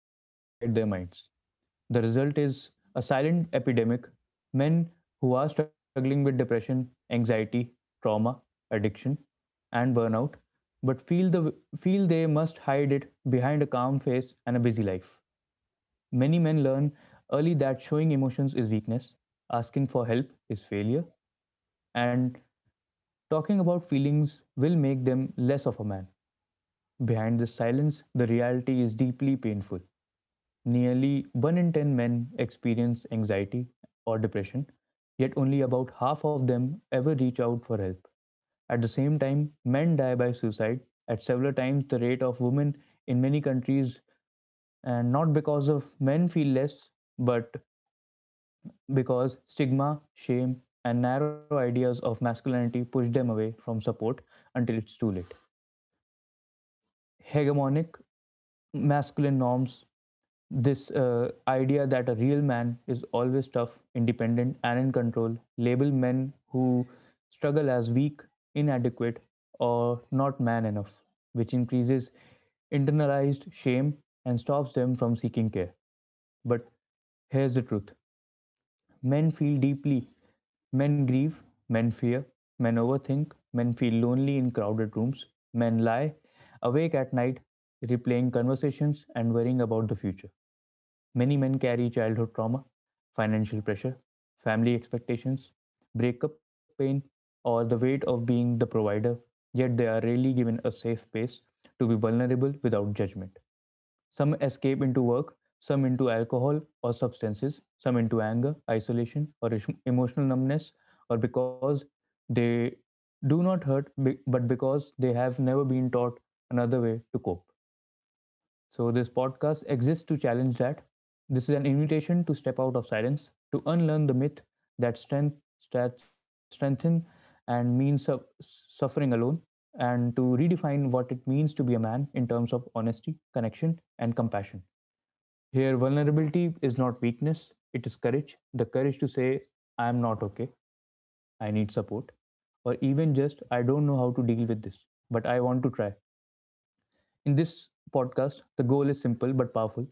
what is happening inside their minds. The result is a silent epidemic. Men who are struggling with depression, anxiety, trauma, addiction, and burnout, but feel they must hide it behind a calm face and a busy life. Many men learn early that showing emotions is weakness, asking for help is failure, and talking about feelings will make them less of a man. Behind this silence, the reality is deeply painful. Nearly 1 in 10 men experience anxiety or depression, yet only about half of them ever reach out for help. At the same time, men die by suicide at several times the rate of women in many countries, and not because of men feel less, but because stigma, shame, and narrow ideas of masculinity push them away from support until it's too late. Hegemonic masculine norms, this idea that a real man is always tough, independent, and in control, label men who struggle as weak, inadequate, or not man enough, which increases internalized shame and stops them from seeking care. But here's the truth: men feel deeply, men grieve, men fear, men overthink, men feel lonely in crowded rooms, men lie awake at night, replaying conversations and worrying about the future. Many men carry childhood trauma, financial pressure, family expectations, breakup pain, or the weight of being the provider, yet they are rarely given a safe space to be vulnerable without judgment. Some escape into work, some into alcohol or substances, some into anger, isolation, or emotional numbness, or because they do not hurt, but because they have never been taught another way to cope. So, this podcast exists to challenge that. This is an invitation to step out of silence, to unlearn the myth that strength, that strengthen and means suffering alone, and to redefine what it means to be a man in terms of honesty, connection, and compassion. Here, vulnerability is not weakness, it is courage, the courage to say, I am not okay, I need support, or even just, I don't know how to deal with this, but I want to try. In this podcast, the goal is simple but powerful: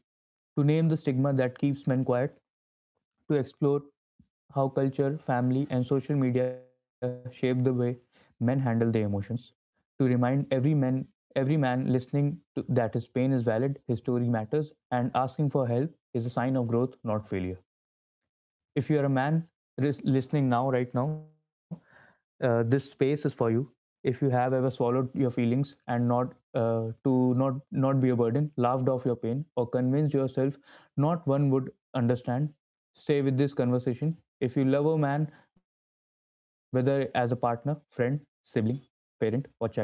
to name the stigma that keeps men quiet, to explore how culture, family, and social media shape the way men handle their emotions, to remind every man listening to, that his pain is valid, his story matters, and asking for help is a sign of growth, not failure. If you're a man listening now, right now, this space is for you. If you have ever swallowed your feelings and not, to not be a burden, laughed off your pain, or convinced yourself not one would understand, stay with this conversation. If you love a man, whether as a partner, friend, sibling, parent, or child,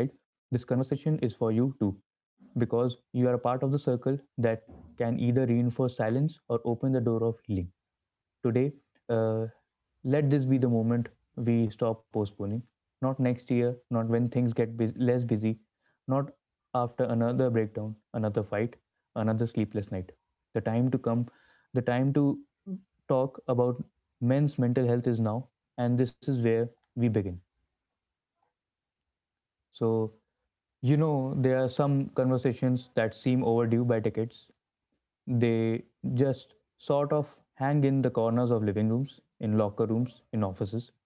this conversation is for you too, because you are a part of the circle that can either reinforce silence or open the door of healing today. Uh, Let this be the moment we stop postponing. Not next year, not when things get less busy, not after another breakdown, another fight, another sleepless night. The time to come, the time to talk about men's mental health is now, and this is where we begin. So, you know, there are some conversations that seem overdue by decades, they just sort of hang in the corners of living rooms, in locker rooms, in offices.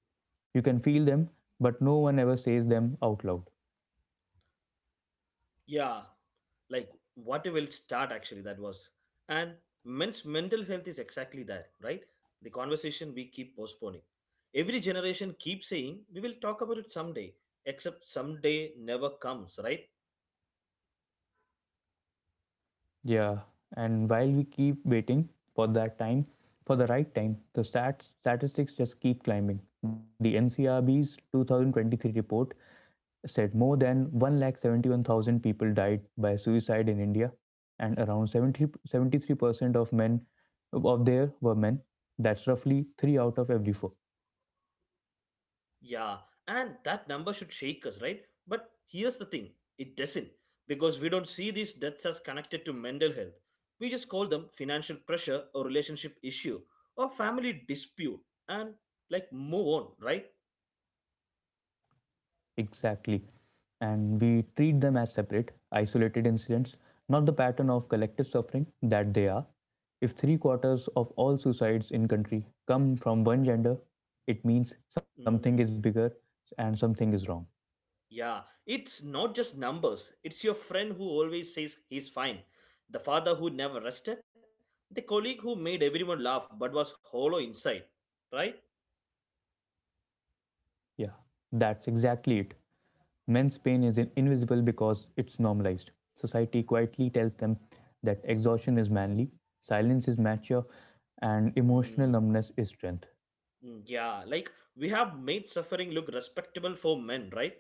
You can feel them, but no one ever says them out loud. Yeah, like what a will start actually that was. And men's mental health is exactly that, right? The conversation we keep postponing. Every generation keeps saying we will talk about it someday, except someday never comes, right? Yeah, and while we keep waiting for that time, for the right time, the stats statistics just keep climbing. The NCRB's 2023 report said more than 1,71,000 people died by suicide in India, and around 70, 73% of men, of there were men. That's roughly three out of every four. Yeah, and that number should shake us, right? But here's the thing it doesn't because we don't see these deaths as connected to mental health. We just call them financial pressure or relationship issue or family dispute and like move on, right? Exactly. And we treat them as separate, isolated incidents, not the pattern of collective suffering that they are. If three-quarters of all suicides in country come from one gender, it means something is Mm, bigger and something is wrong. yeah, it's not just numbers. It's your friend who always says he's fine, the father who never rested, the colleague who made everyone laugh but was hollow inside, right? Yeah, that's exactly it. Men's pain is invisible because it's normalized. Society quietly tells them that exhaustion is manly, silence is mature, and emotional Mm, numbness is strength. Yeah, like we have made suffering look respectable for men, right?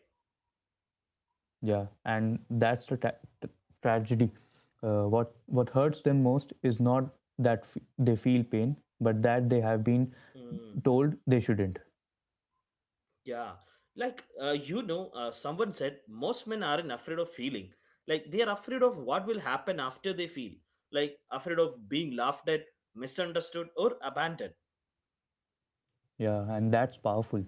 Yeah, and that's the t- tragedy. What hurts them most is not that they feel pain, but that they have been Mm, told they shouldn't. yeah, like someone said most men aren't afraid of feeling. Like they are afraid of what will happen after they feel. Like afraid of being laughed at, misunderstood, or abandoned. Yeah, and that's powerful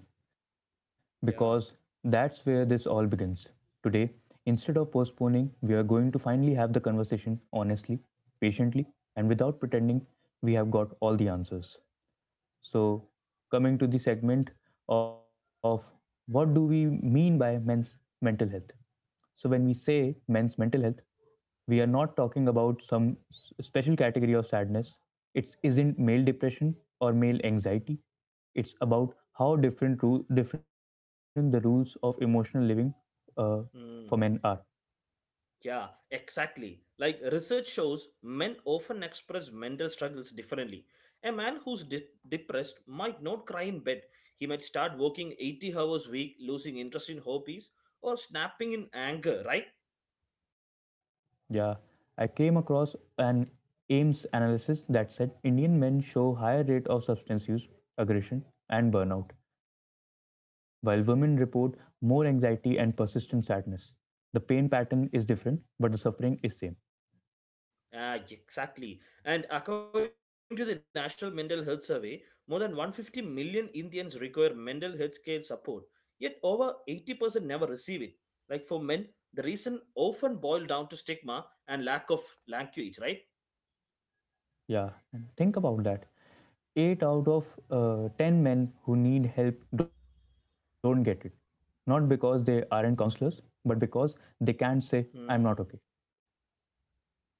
because Yeah. that's where this all begins. Today, instead of postponing, we are going to finally have the conversation honestly, patiently, and without pretending we have got all the answers. So, coming to the segment of what do we mean by men's mental health? So, when we say men's mental health, we are not talking about some special category of sadness. It isn't male depression or male anxiety. It's about how different, different the rules of emotional living uh, for men are. Mm. Yeah, exactly. Like research shows, men often express mental struggles differently. A man who's depressed might not cry in bed. He might start working 80 hours a week, losing interest in hobbies, or snapping in anger, right? Yeah, I came across an Ames analysis that said Indian men show higher rate of substance use, aggression, and burnout, while women report more anxiety and persistent sadness. The pain pattern is different, but the suffering is same. Ah, exactly. And according to the National Mental Health Survey, more than 150 million Indians require mental health care support, yet over 80% never receive it. Like for men, the reason often boiled down to stigma and lack of language, right? Yeah, and think about that. Eight out of ten men who need help don't get it, not because they aren't counselors, but because they can't say I'm not okay. Hmm.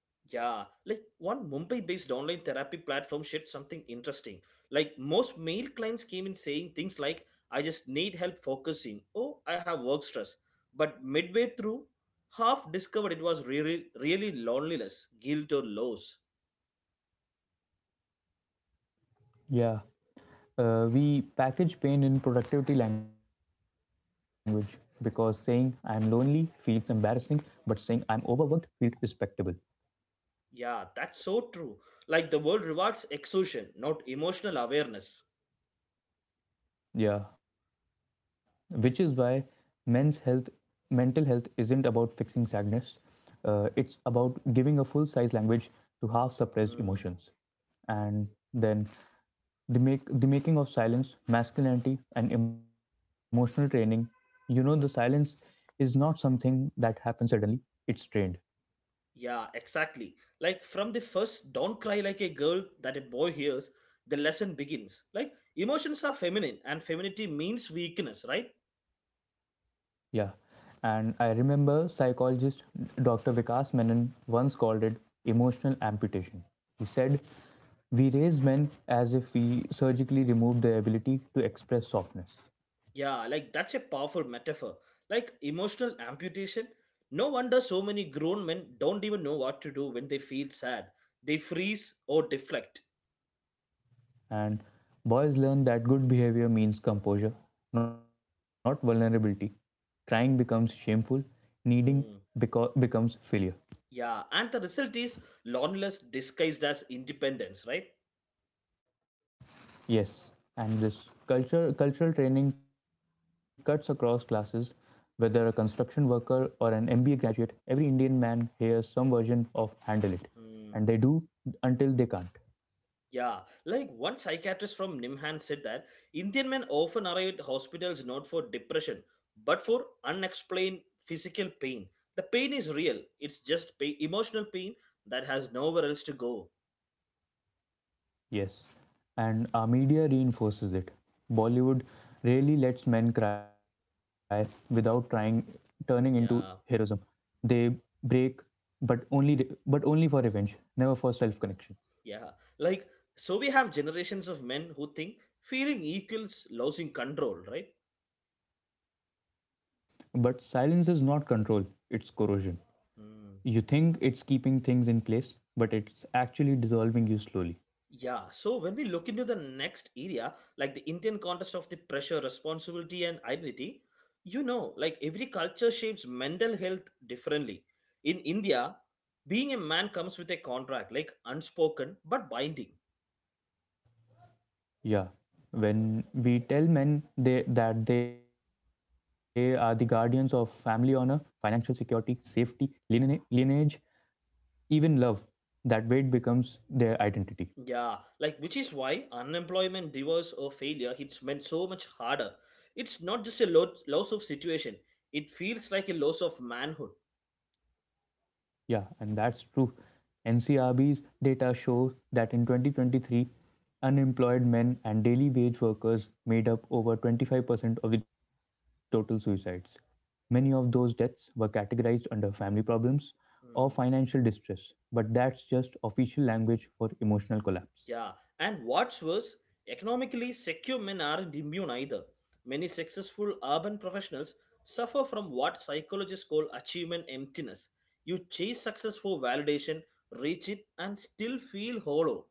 Yeah, like one Mumbai-based online therapy platform shared something interesting. Like most male clients came in saying things like, "I just need help focusing," "Oh, I have work stress," but midway through, half discovered it was really, really loneliness, guilt, or loss. Yeah, we package pain in productivity language because saying I'm lonely feels embarrassing, but saying I'm overworked feels respectable. Yeah, that's so true. Like the world rewards exhaustion, not emotional awareness. Yeah, which is why men's health, mental health isn't about fixing sadness. It's about giving a full size language to half suppressed emotions. Hmm. And then the make the making of silence, masculinity, and emotional training. You know, the silence is not something that happens suddenly. It's trained. Yeah, exactly. Like from the first don't cry like a girl that a boy hears, the lesson begins. Like emotions are feminine and femininity means weakness, right? Yeah. And I remember psychologist Dr. Vikas Menon once called it emotional amputation. He said, We raise men as if we surgically remove their ability to express softness. Yeah, like that's a powerful metaphor. Like emotional amputation. No wonder so many grown men don't even know what to do when they feel sad. They freeze or deflect. And boys learn that good behavior means composure, not vulnerability. Crying becomes shameful, needing Hmm. becomes failure. Yeah, and the result is loneliness disguised as independence, right? Yes, and this culture cultural training cuts across classes. Whether a construction worker or an MBA graduate, every Indian man hears some version of handle it. And they Hmm. do until they can't. Yeah, like one psychiatrist from Nimhan said that Indian men often arrive at hospitals not for depression but for unexplained physical pain. The pain is real, it's just pain, emotional pain that has nowhere else to go. Yes. And our media reinforces it. Bollywood really lets men cry without trying turning into heroism. Yeah, They break but only for revenge, never for self-connection. yeah. Like, so we have generations of men who think feeling equals losing control, right? Yeah, but silence is not control, it's corrosion. Hmm. You think it's keeping things in place, but it's actually dissolving you slowly. Yeah, so when we look into the next area, like the Indian context of the pressure, responsibility, and identity, you know, like every culture shapes mental health differently. In India, being a man comes with a contract, like unspoken but binding. Yeah. When we tell men that they are the guardians of family honor, financial security, safety, lineage even love, that weight becomes their identity. Yeah, like which is why unemployment, divorce, or failure hits men so much harder. It's not just a loss of situation, it feels like a loss of manhood. Yeah, and that's true. NCRB's data shows that in 2023, unemployed men and daily wage workers made up over 25% of the total suicides. Many of those deaths were categorized under family problems or financial Hmm. distress, but that's just official language for emotional collapse. Yeah, and what's worse, economically secure men aren't immune either. Many successful urban professionals suffer from what psychologists call achievement emptiness. You chase success for validation, reach it, and still feel hollow.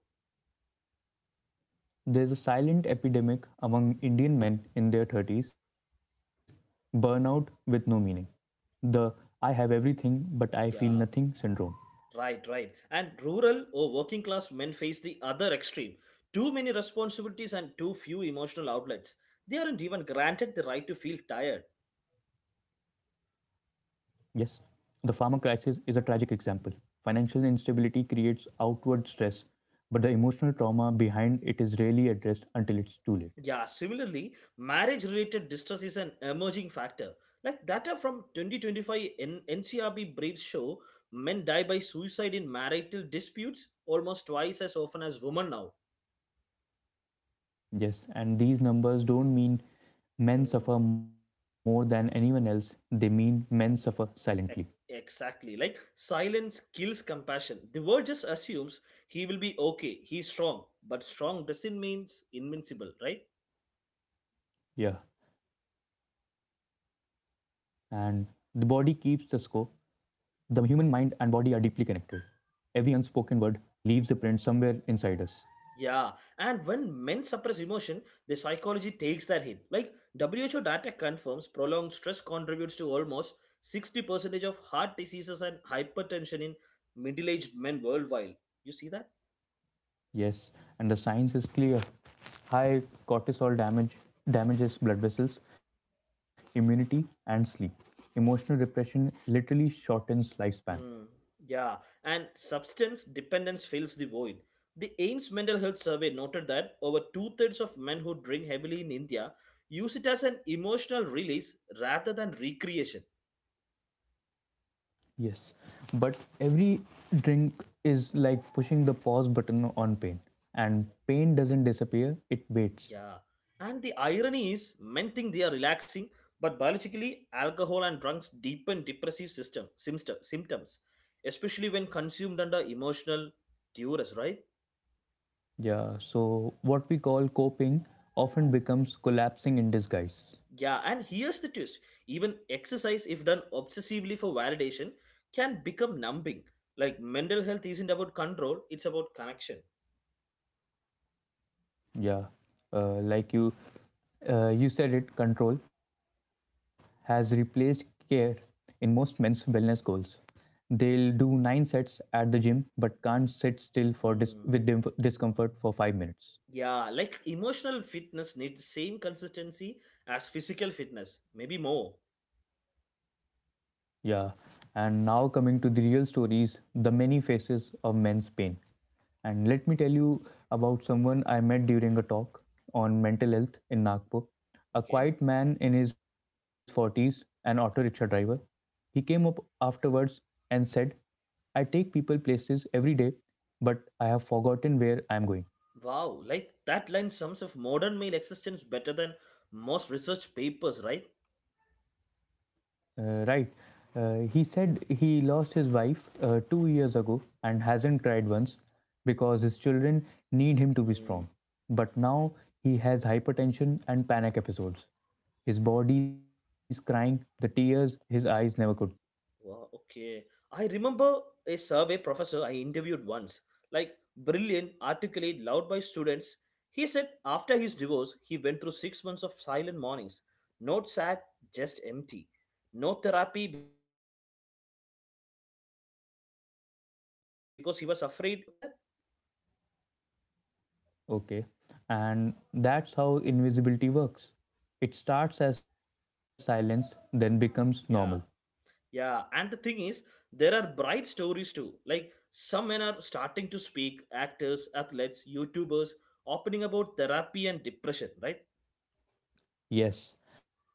There's a silent epidemic among Indian men in their 30s: burnout with no meaning. The I have everything but I feel nothing Yeah, syndrome. right, right. And rural or working class men face the other extreme too many responsibilities and too few emotional outlets. They aren't even granted the right to feel tired. Yes, the pharma crisis is a tragic example. Financial instability creates outward stress, but the emotional trauma behind it is rarely addressed until it's too late. Yeah, similarly, marriage related distress is an emerging factor. Like data from 2025 NCRB briefs show men die by suicide in marital disputes almost twice as often as women now. Yes, and these numbers don't mean men Hmm. suffer more than anyone else, they mean men suffer silently. e- Exactly. Like silence kills compassion. The world just assumes he will be okay, he's strong, but strong doesn't mean invincible, right? Yeah, and the body keeps the score. The human mind and body are deeply connected. Every unspoken word leaves a print somewhere inside us. Yeah, and when men suppress emotion, their psychology takes that hit. Like WHO data confirms prolonged stress contributes to almost 60% of heart diseases and hypertension in middle-aged men worldwide. You see that? Yes, and the science is clear. High cortisol damage damages blood vessels, immunity, and sleep. Emotional repression literally shortens lifespan. Mm, yeah, and substance dependence fills the void. The aims Mental Health Survey noted that over two-thirds of men who drink heavily in India use it as an emotional release rather than recreation. Yes, but every drink is like pushing the pause button on pain, and pain doesn't disappear, it waits. Yeah. And the irony is men think they are relaxing, but biologically, alcohol and drugs deepen depressive system symptoms, especially when consumed under emotional duress, right? Yeah, so what we call coping often becomes collapsing in disguise. Yeah, and here's the twist. Even exercise, if done obsessively for validation, can become numbing. Like mental health isn't about control, it's about connection. Yeah, uh, like you, you said it. Control has replaced care in most men's wellness goals. They'll do nine sets at the gym, but can't sit still for dis- with Mm. dim- discomfort for 5 minutes. Yeah, like emotional fitness needs the same consistency as physical fitness, maybe more. Yeah. And now coming to the real stories, the many faces of men's pain. And let me tell you about someone I met during a talk on mental health in Nagpur. A Okay. quiet man in his 40s, an auto rickshaw driver. He came up afterwards and said, I take people places every day, but I have forgotten where I am going. Wow, like that line sums up modern male existence better than most research papers, right? Right. He said he lost his wife 2 years ago and hasn't cried once because his children need him to be Hmm. strong. But now he has hypertension and panic episodes. His body is crying the tears his eyes never could. Wow, okay. I remember a survey professor I interviewed once, like brilliant, articulate, loved by students. He said after his divorce, he went through 6 months of silent mornings. Not sad, just empty. No therapy because he was afraid a male professor admitting that world ruined his credibility. Look that? Okay. And that's how invisibility works. It starts as silence, then becomes normal. Yeah. Yeah, and the thing is, there are bright stories too. Like some men are starting to speak, actors, athletes, YouTubers, opening about therapy and depression, right? Yes,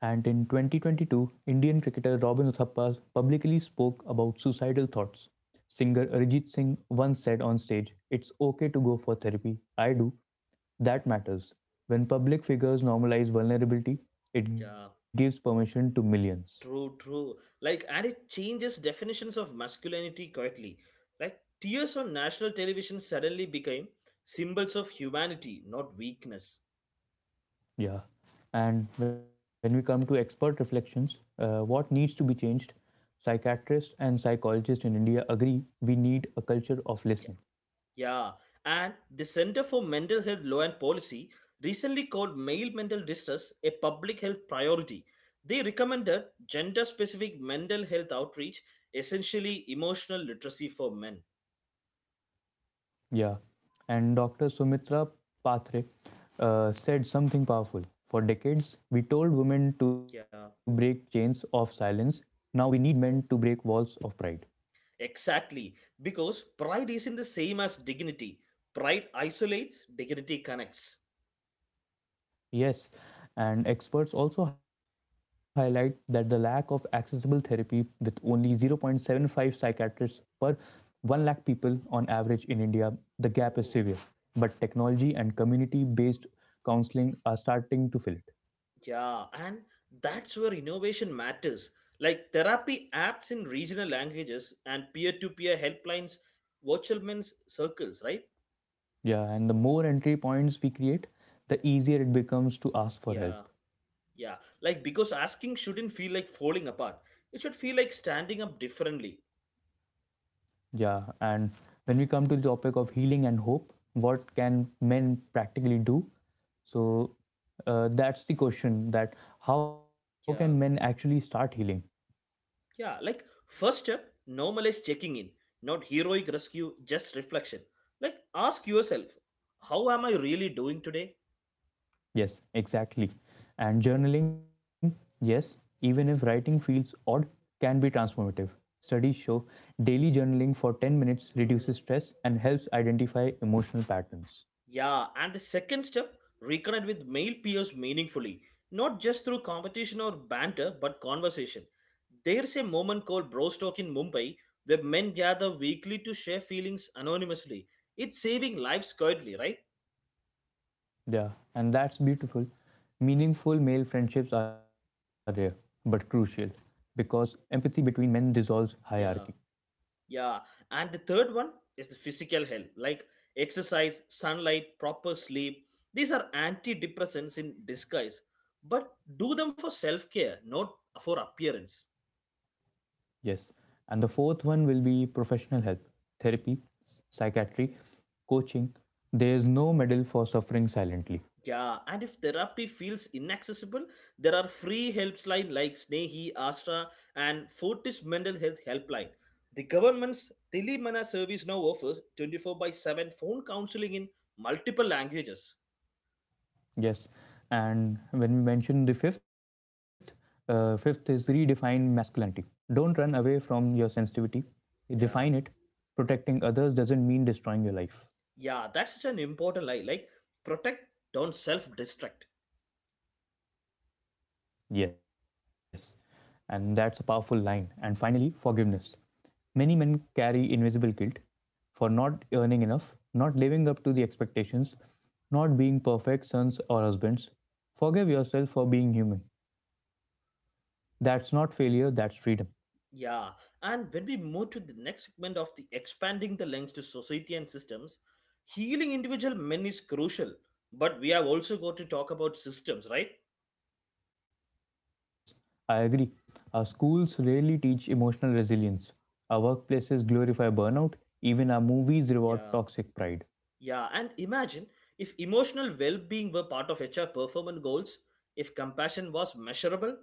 and in 2022, Indian cricketer Robin Uthappa publicly spoke about suicidal thoughts. Singer Arijit Singh once said on stage, "It's okay to go for therapy. I do." That matters. When public figures normalize vulnerability, it gives Yeah, permission to millions. true, true. Like, and it changes definitions of masculinity quietly. Like, tears on national television suddenly became symbols of humanity, not weakness. Yeah. And when we come to expert reflections, what needs to be changed? Psychiatrists and psychologists in India agree we need a culture of Yeah. listening. Yeah, and the Center for Mental Health Law and Policy recently called male mental distress a public health priority. They recommended gender specific mental health outreach, essentially emotional literacy for men. Yeah. And Dr. Sumitra Patre said something powerful. For decades, we told women to break Yeah, chains of silence. Now we need men to break walls of pride. exactly. Because pride isn't the same as dignity. Pride isolates, dignity connects. Yes. And experts also highlight that the lack of accessible therapy, with only 0.75 psychiatrists per 1 lakh people on average in India, the gap is severe. Oh. But technology and community based counseling are starting to fill it. Yeah, and that's where innovation matters. Like therapy apps in regional languages and peer to peer helplines, virtual men's circles, right? Yeah, and the more entry points we create, the easier it becomes to ask for Yeah, help. yeah. Like because asking shouldn't feel like falling apart, it should feel like standing up differently. Yeah, and when we come to the topic of healing and hope, what can men practically do? So that's the question that how can men actually Yeah, start healing? yeah. Like first step, normalize checking in, not heroic rescue, just reflection. Like ask yourself, how am I really doing today? Yes, exactly. And journaling, yes, even if writing feels odd, can be transformative. Studies show daily journaling for 10 minutes reduces Hmm. stress and helps identify emotional patterns. Yeah, and the second step, reconnect with male peers meaningfully, not just through competition or banter, but conversation. There's a moment called Bros Talk in Mumbai where men gather weekly to share feelings anonymously. It's saving lives quietly, right? Yeah, and that's beautiful. Meaningful male friendships are rare, but crucial, because empathy between men dissolves hierarchy. Yeah, yeah. And the third one is the physical health, like exercise, sunlight, proper sleep. These are antidepressants in disguise, but do them for self care, not for appearance. Yes. And the fourth one will be professional help therapy, psychiatry, coaching. There is no medal for suffering silently. Yeah, and if therapy feels inaccessible, there are free helpline like Snehi, Astra, and Fortis Mental Health Helpline. The government's Telemana service now offers 24 by 7 phone counseling in multiple languages. Yes. And when we mention the fifth, fifth is redefine masculinity. Don't run away from your sensitivity, define it. Yeah, Protecting others doesn't mean destroying your life. yeah, that's such an important line. Like, protect, don't self destruct. Yes, and that's a powerful line. And finally, forgiveness. Many men carry invisible guilt for not earning enough, not living up to the expectations, not being perfect sons or husbands. Forgive yourself for being human. That's not failure, that's freedom. Yeah, and when we move to the next segment of the expanding the lens to society and systems, healing individual men is crucial, but we have also got to talk about systems, right? Yes, I agree. Our schools rarely teach emotional resilience. Our workplaces glorify burnout, even our movies reward Yeah, toxic pride. yeah, and imagine if emotional well being were part of HR performance goals, if compassion was measurable.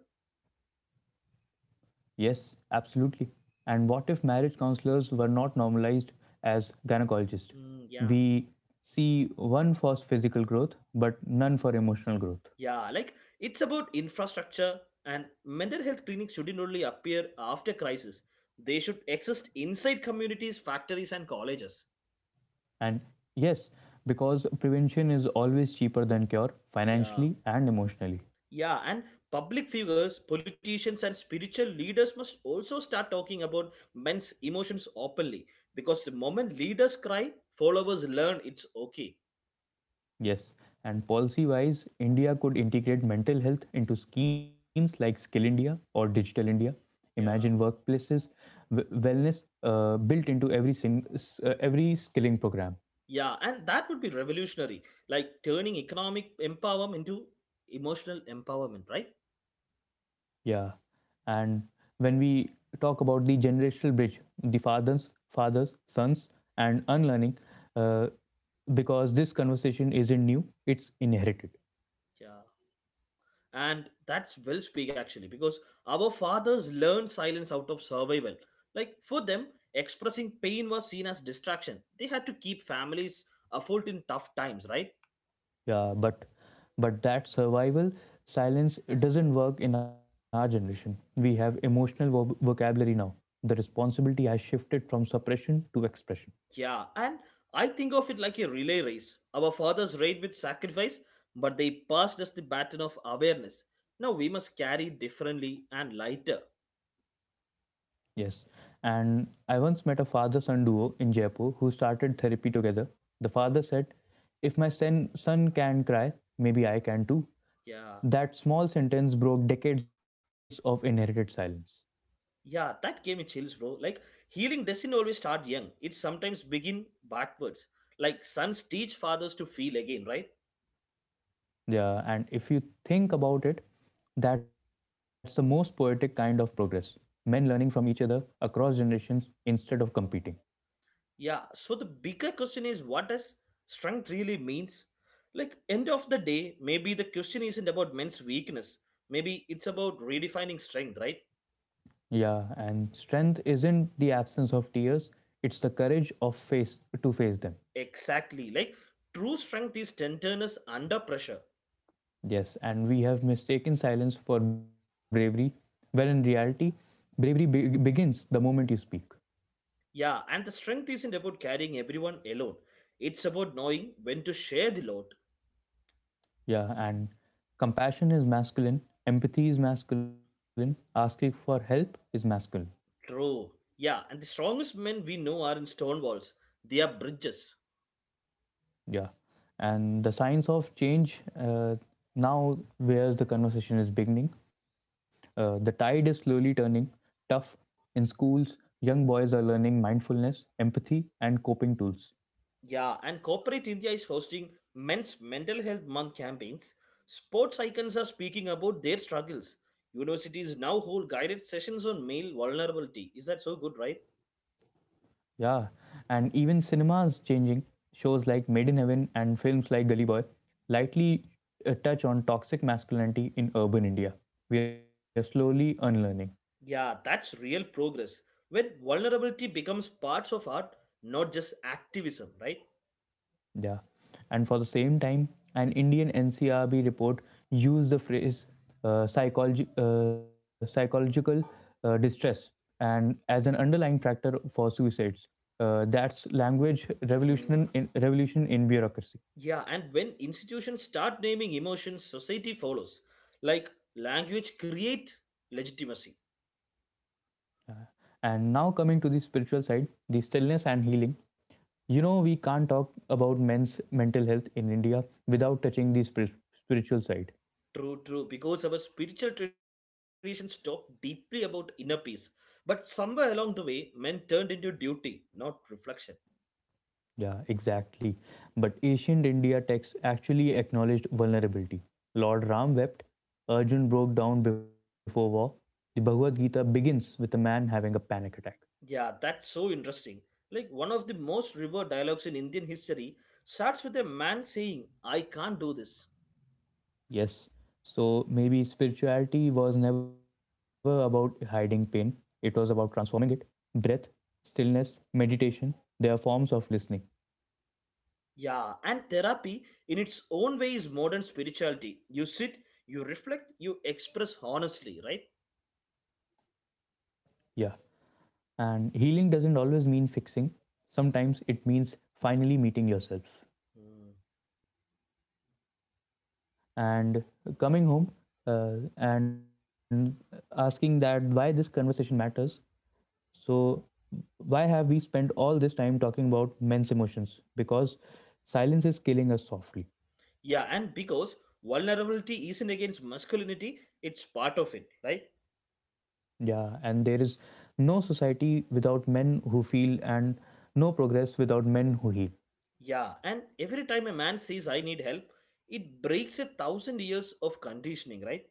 Yes, absolutely. And what if marriage counselors were not normalized as gynecologists? Yeah, We see one for physical growth, but none for emotional growth. yeah, like it's about infrastructure, and mental health clinics shouldn't only appear after crisis, they should exist inside communities, factories, and colleges. And yes, because prevention is always cheaper than cure, Yeah, financially and emotionally. yeah, and public figures, politicians, and spiritual leaders must also start talking about men's emotions openly because the moment leaders cry, followers learn it's okay. Yes, and policy wise, India could integrate mental health into schemes like Skill India or Digital India. Imagine Yeah. workplaces, wellness built into every, every skilling program. Yeah, and that would be revolutionary, like turning economic empowerment into emotional empowerment, right? Yeah. And when we talk about the generational bridge, the fathers, sons, and unlearning, uh, because this conversation isn't new; it's inherited. Yeah. And that's well speak actually, because our fathers learned silence out of survival. Like for them, expressing pain was seen as distraction. They had to keep families afloat in tough times, right? Yeah, but that survival silence doesn't work in our generation. We have emotional vocabulary now. The responsibility has shifted from suppression to expression. Yeah, and I think of it like a relay race. Our fathers raid with sacrifice, but they passed us the baton of awareness. Now we must carry it differently and lighter. Yes. And I once met a father son duo in Jaipur who started therapy together. The father Oh, said, "If my son can cry, maybe I can too." yeah. That small sentence broke decades of inherited silence. Yeah, that gave me chills, bro. Like healing doesn't always start young. It sometimes begin backwards. Like sons teach fathers to feel again, right? Yeah, and if you think about it, that's the most poetic kind of progress. Men learning from each other across generations instead of competing. Yeah. So the bigger question is what does strength really means? Like end of the day, maybe the question isn't about men's weakness. Maybe it's about redefining strength, right? Yeah, and strength isn't the absence of tears, it's the courage of face to face them. Exactly. Like true strength is tenderness under pressure. Yes, and we have mistaken silence for bravery, when in reality, begins the moment you speak. Yeah, and the strength isn't about carrying everyone alone. It's about knowing when to share the load. Yeah, and compassion is masculine, empathy is masculine, asking for help is masculine. True. Yeah, and the strongest men we know are in stone walls. They are bridges. Yeah, and the science of change now, whereas the conversation is beginning, the tide is slowly turning tough in schools. Young boys are learning mindfulness, empathy, and coping tools. Yeah, and corporate India is hosting men's mental health month campaigns. Sports icons are speaking about their struggles. Universities now hold guided sessions on male vulnerability. Is that so good, right? Yeah, and even cinema is changing. Shows like Made in Heaven and films like Gully Boy lightly touch on toxic masculinity in urban India. We are slowly unlearning. Yeah, that's real progress. When vulnerability becomes parts of art, not just activism, right? Yeah, and for the same time, an Indian NCRB report used the phrase psychological distress and as an underlying factor for suicides. That's language Mm. Revolution in bureaucracy. Yeah, and when institutions start naming emotions, society follows. Like language create legitimacy. And now, coming to the spiritual side, the stillness and healing. You know, we can't talk about men's mental health in India without touching the spiritual side. True, true, because our spiritual traditions talk deeply about inner peace. But somewhere along the way, men turned into duty, not reflection. Yeah, exactly. But ancient India texts actually acknowledged vulnerability. Lord Ram wept, Arjun broke down before war. The Bhagavad Gita begins with a man having a panic attack. Yeah, that's so interesting. Like one of the most revered dialogues in Indian history starts with a man saying, I can't do this. Yes. So maybe spirituality was never about hiding pain, it was about transforming it. Breath, stillness, meditation, they are forms of listening. Yeah, and therapy in its own way is modern spirituality. You sit, you reflect, you express honestly, right? Yeah. And healing doesn't always mean fixing, sometimes it means finally meeting yourself Hmm. and coming home and asking that why this conversation matters. So, why have we spent all this time talking about men's emotions? Because silence is killing us softly. Yeah, and because vulnerability isn't against masculinity, it's part of it, right? Yeah, and there is no society without men who feel, and no progress without men who heal. Yeah, and every time a man says, I need help, it breaks 1,000 years of conditioning, right?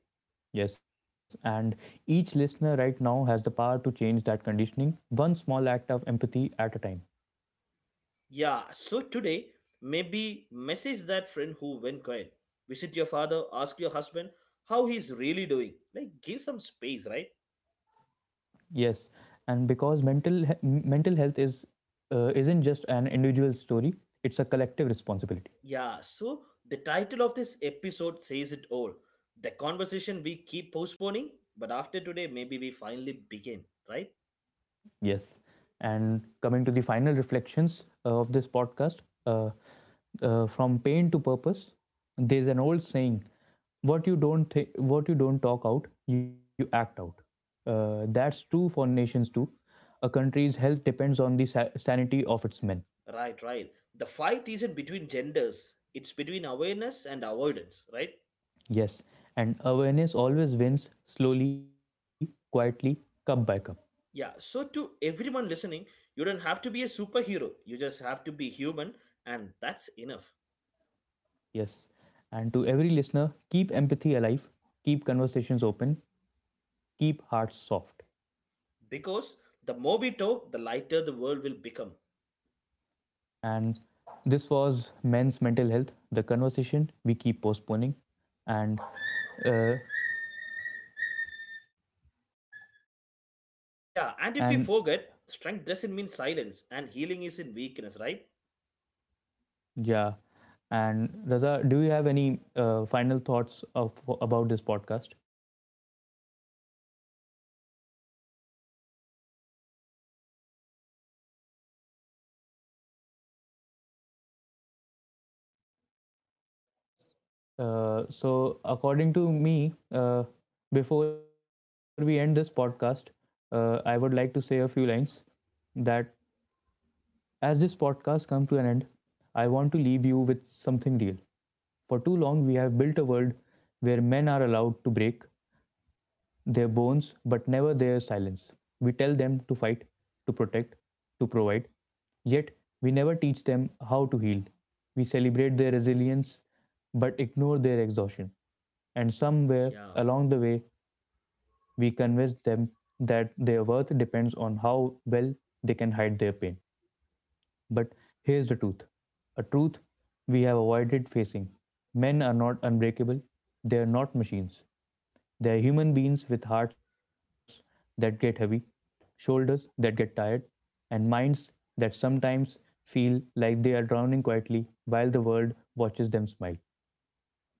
Yes, and each listener right now has the power to change that conditioning, one small act of empathy at a time. Yeah, so today, maybe message that friend who went quiet. Visit your father, ask your husband how he's really doing. Like, give some space, right? Yes, and because mental health is isn't just an individual story; it's a collective responsibility. Yeah, so the title of this episode says it all. The conversation we keep postponing, but after today, maybe we finally begin, right? Yes. And coming to the final reflections of this podcast uh, from pain to purpose, there's an old saying, what you don't talk out you act out. That's true for nations too. A country's health depends on the sanity of its men. Right, right. The fight isn't between genders, it's between awareness and avoidance, right? Yes, and awareness always wins, slowly, quietly, cup by cup. Yeah, so to everyone listening, you don't have to be a superhero, you just have to be human, and that's enough. Yes, and to every listener, keep empathy alive, keep conversations open, keep hearts soft. Because the more we talk, the lighter the world will become. And this was men's mental health, the conversation we keep postponing. And uh, Yeah, and if and you forget, strength doesn't mean silence, and healing isn't weakness, right? yeah, and Raza, do you have any final thoughts of about this podcast? So, according to me, before we end this podcast, I would like to say a few lines that as this podcast comes to an end, I want to leave you with something real. For too long, we have built a world where men are allowed to break their bones but never their silence. We tell them to fight, to protect, to provide, yet we never teach them how to heal. We celebrate their resilience but ignore their exhaustion. And somewhere Yeah. along the way, we convince them that their worth depends on how well they can hide their pain. But here's the truth, a truth we have avoided facing. Men are not unbreakable, they are not machines. They are human beings with hearts that get heavy, shoulders that get tired, and minds that sometimes feel like they are drowning quietly while the world watches them smile.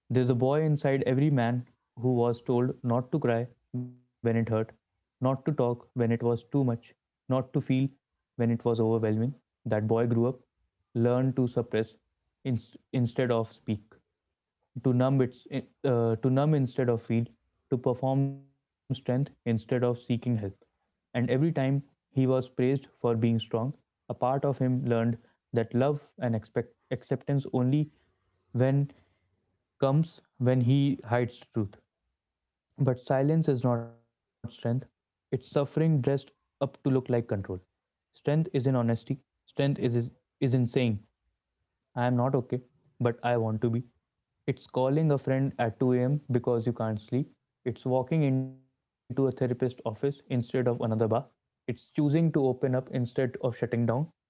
There's a boy inside every man who was told not to cry when it hurt, not to talk when it was too much, not to feel when it was overwhelming. That boy grew up, learned to suppress instead of speak, to numb to numb instead of feel, to perform strength instead of seeking help. And every time he was praised for being strong, a part of him learned that love and expect acceptance only when comes when he hides the truth. But silence is not strength, it's suffering dressed up to look like control. Strength is in honesty, strength is, is, is in saying, "I am not okay, but I want to be." It's calling a friend at 2 a.m. because you can't sleep. It's walking into a therapist's office instead of another bar. It's choosing to open up instead of shutting down.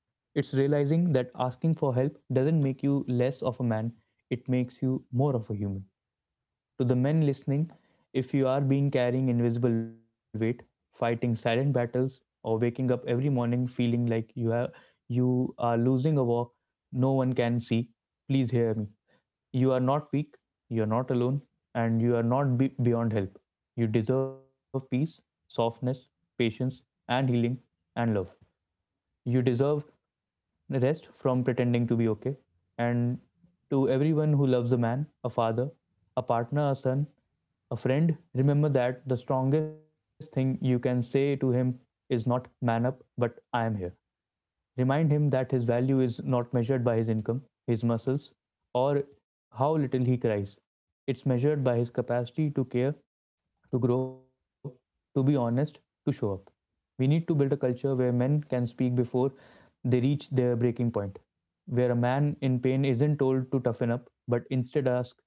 It's realizing that asking for help doesn't make you less of a man, it makes you more of a human. To the men listening, if you are being carrying invisible weight, fighting silent battles, or waking up every morning feeling like you are losing a war no one can see, please hear me. You are not weak, you are not alone, and you are not beyond help. You deserve peace, softness, patience, and healing and love. You deserve rest from pretending to be okay. And to everyone who loves a man, a father, a partner, a son, a friend, remember that the strongest thing you can say to him is not "man up," but "I am here." Remind him that his value is not measured by his income, his muscles, or how little he cries. It's measured by his capacity to care, to grow, to be honest, to show up. We need to build a culture where men can speak before they reach their breaking point, where a man in pain isn't told to toughen up, but instead asks,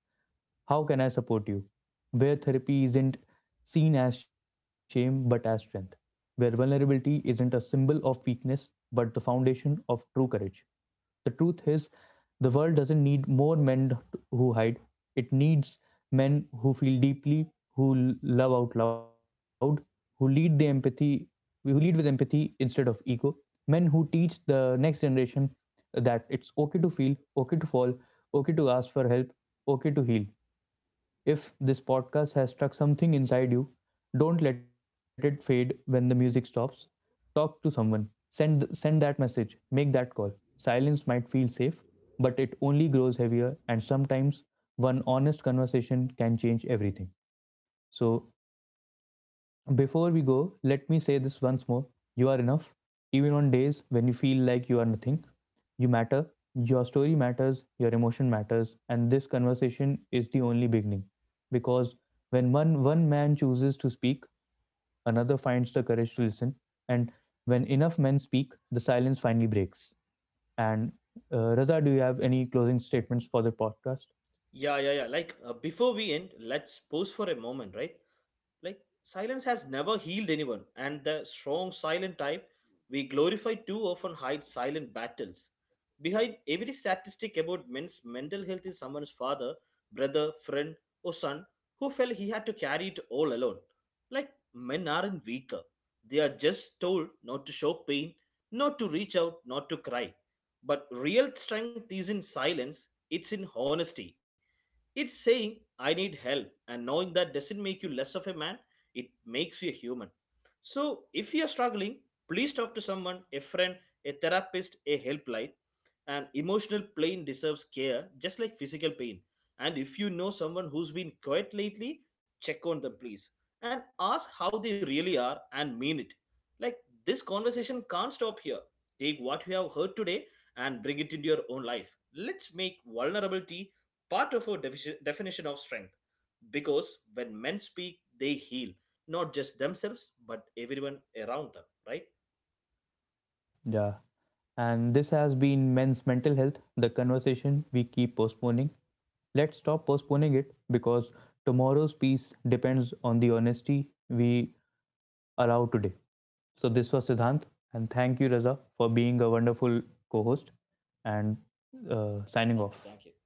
how can I support you? Where therapy isn't seen as shame but as strength, where vulnerability isn't a symbol of weakness but the foundation of true courage. The truth is, the world doesn't need more men who hide, it needs men who feel deeply, who love out loud, who lead the empathy who lead with empathy instead of ego, men who teach the next generation that it's okay to feel, okay to fall, okay to ask for help, okay to heal. If this podcast has struck something inside you, don't let it fade when the music stops. Talk to someone. Send that message. Make that call. Silence might feel safe, but it only grows heavier, and sometimes one honest conversation can change everything. So, before we go, let me say this once more. You are enough even on days when you feel like you are nothing. You matter, your story matters, your emotion matters, and this conversation is the only beginning. Because when one man chooses to speak, another finds the courage to listen. And when enough men speak, the silence finally breaks. And Raza, do you have any closing statements for the podcast? Yeah. Like before we end, let's pause for a moment, right? Like silence has never healed anyone, and the strong silent type we glorify too often hides silent battles. Behind every statistic about men's mental health is someone's father, brother, friend, or son who felt he had to carry it all alone. Like men aren't weaker; they are just told not to show pain, not to reach out, not to cry. But real strength is in silence. It's in honesty it's saying, I need help, and knowing that doesn't make you less of a man, it makes you a human. So, if you're struggling, please talk to someone, a friend, a therapist, a helpline. And emotional pain deserves care, just like physical pain. And if you know someone who's been quiet lately, check on them, please. And ask how they really are and mean it. Like, this conversation can't stop here. Take what you have heard today and bring it into your own life. Let's make vulnerability part of our definition of strength because when men speak they heal not just themselves but everyone around them, right? Yeah. And this has been Men's Mental Health, the conversation we keep postponing. Let's stop postponing it because tomorrow's peace depends on the honesty we allow today. So this was Siddhant, and thank you, Raza, for being a wonderful co-host and signing Thank you, off. thank you.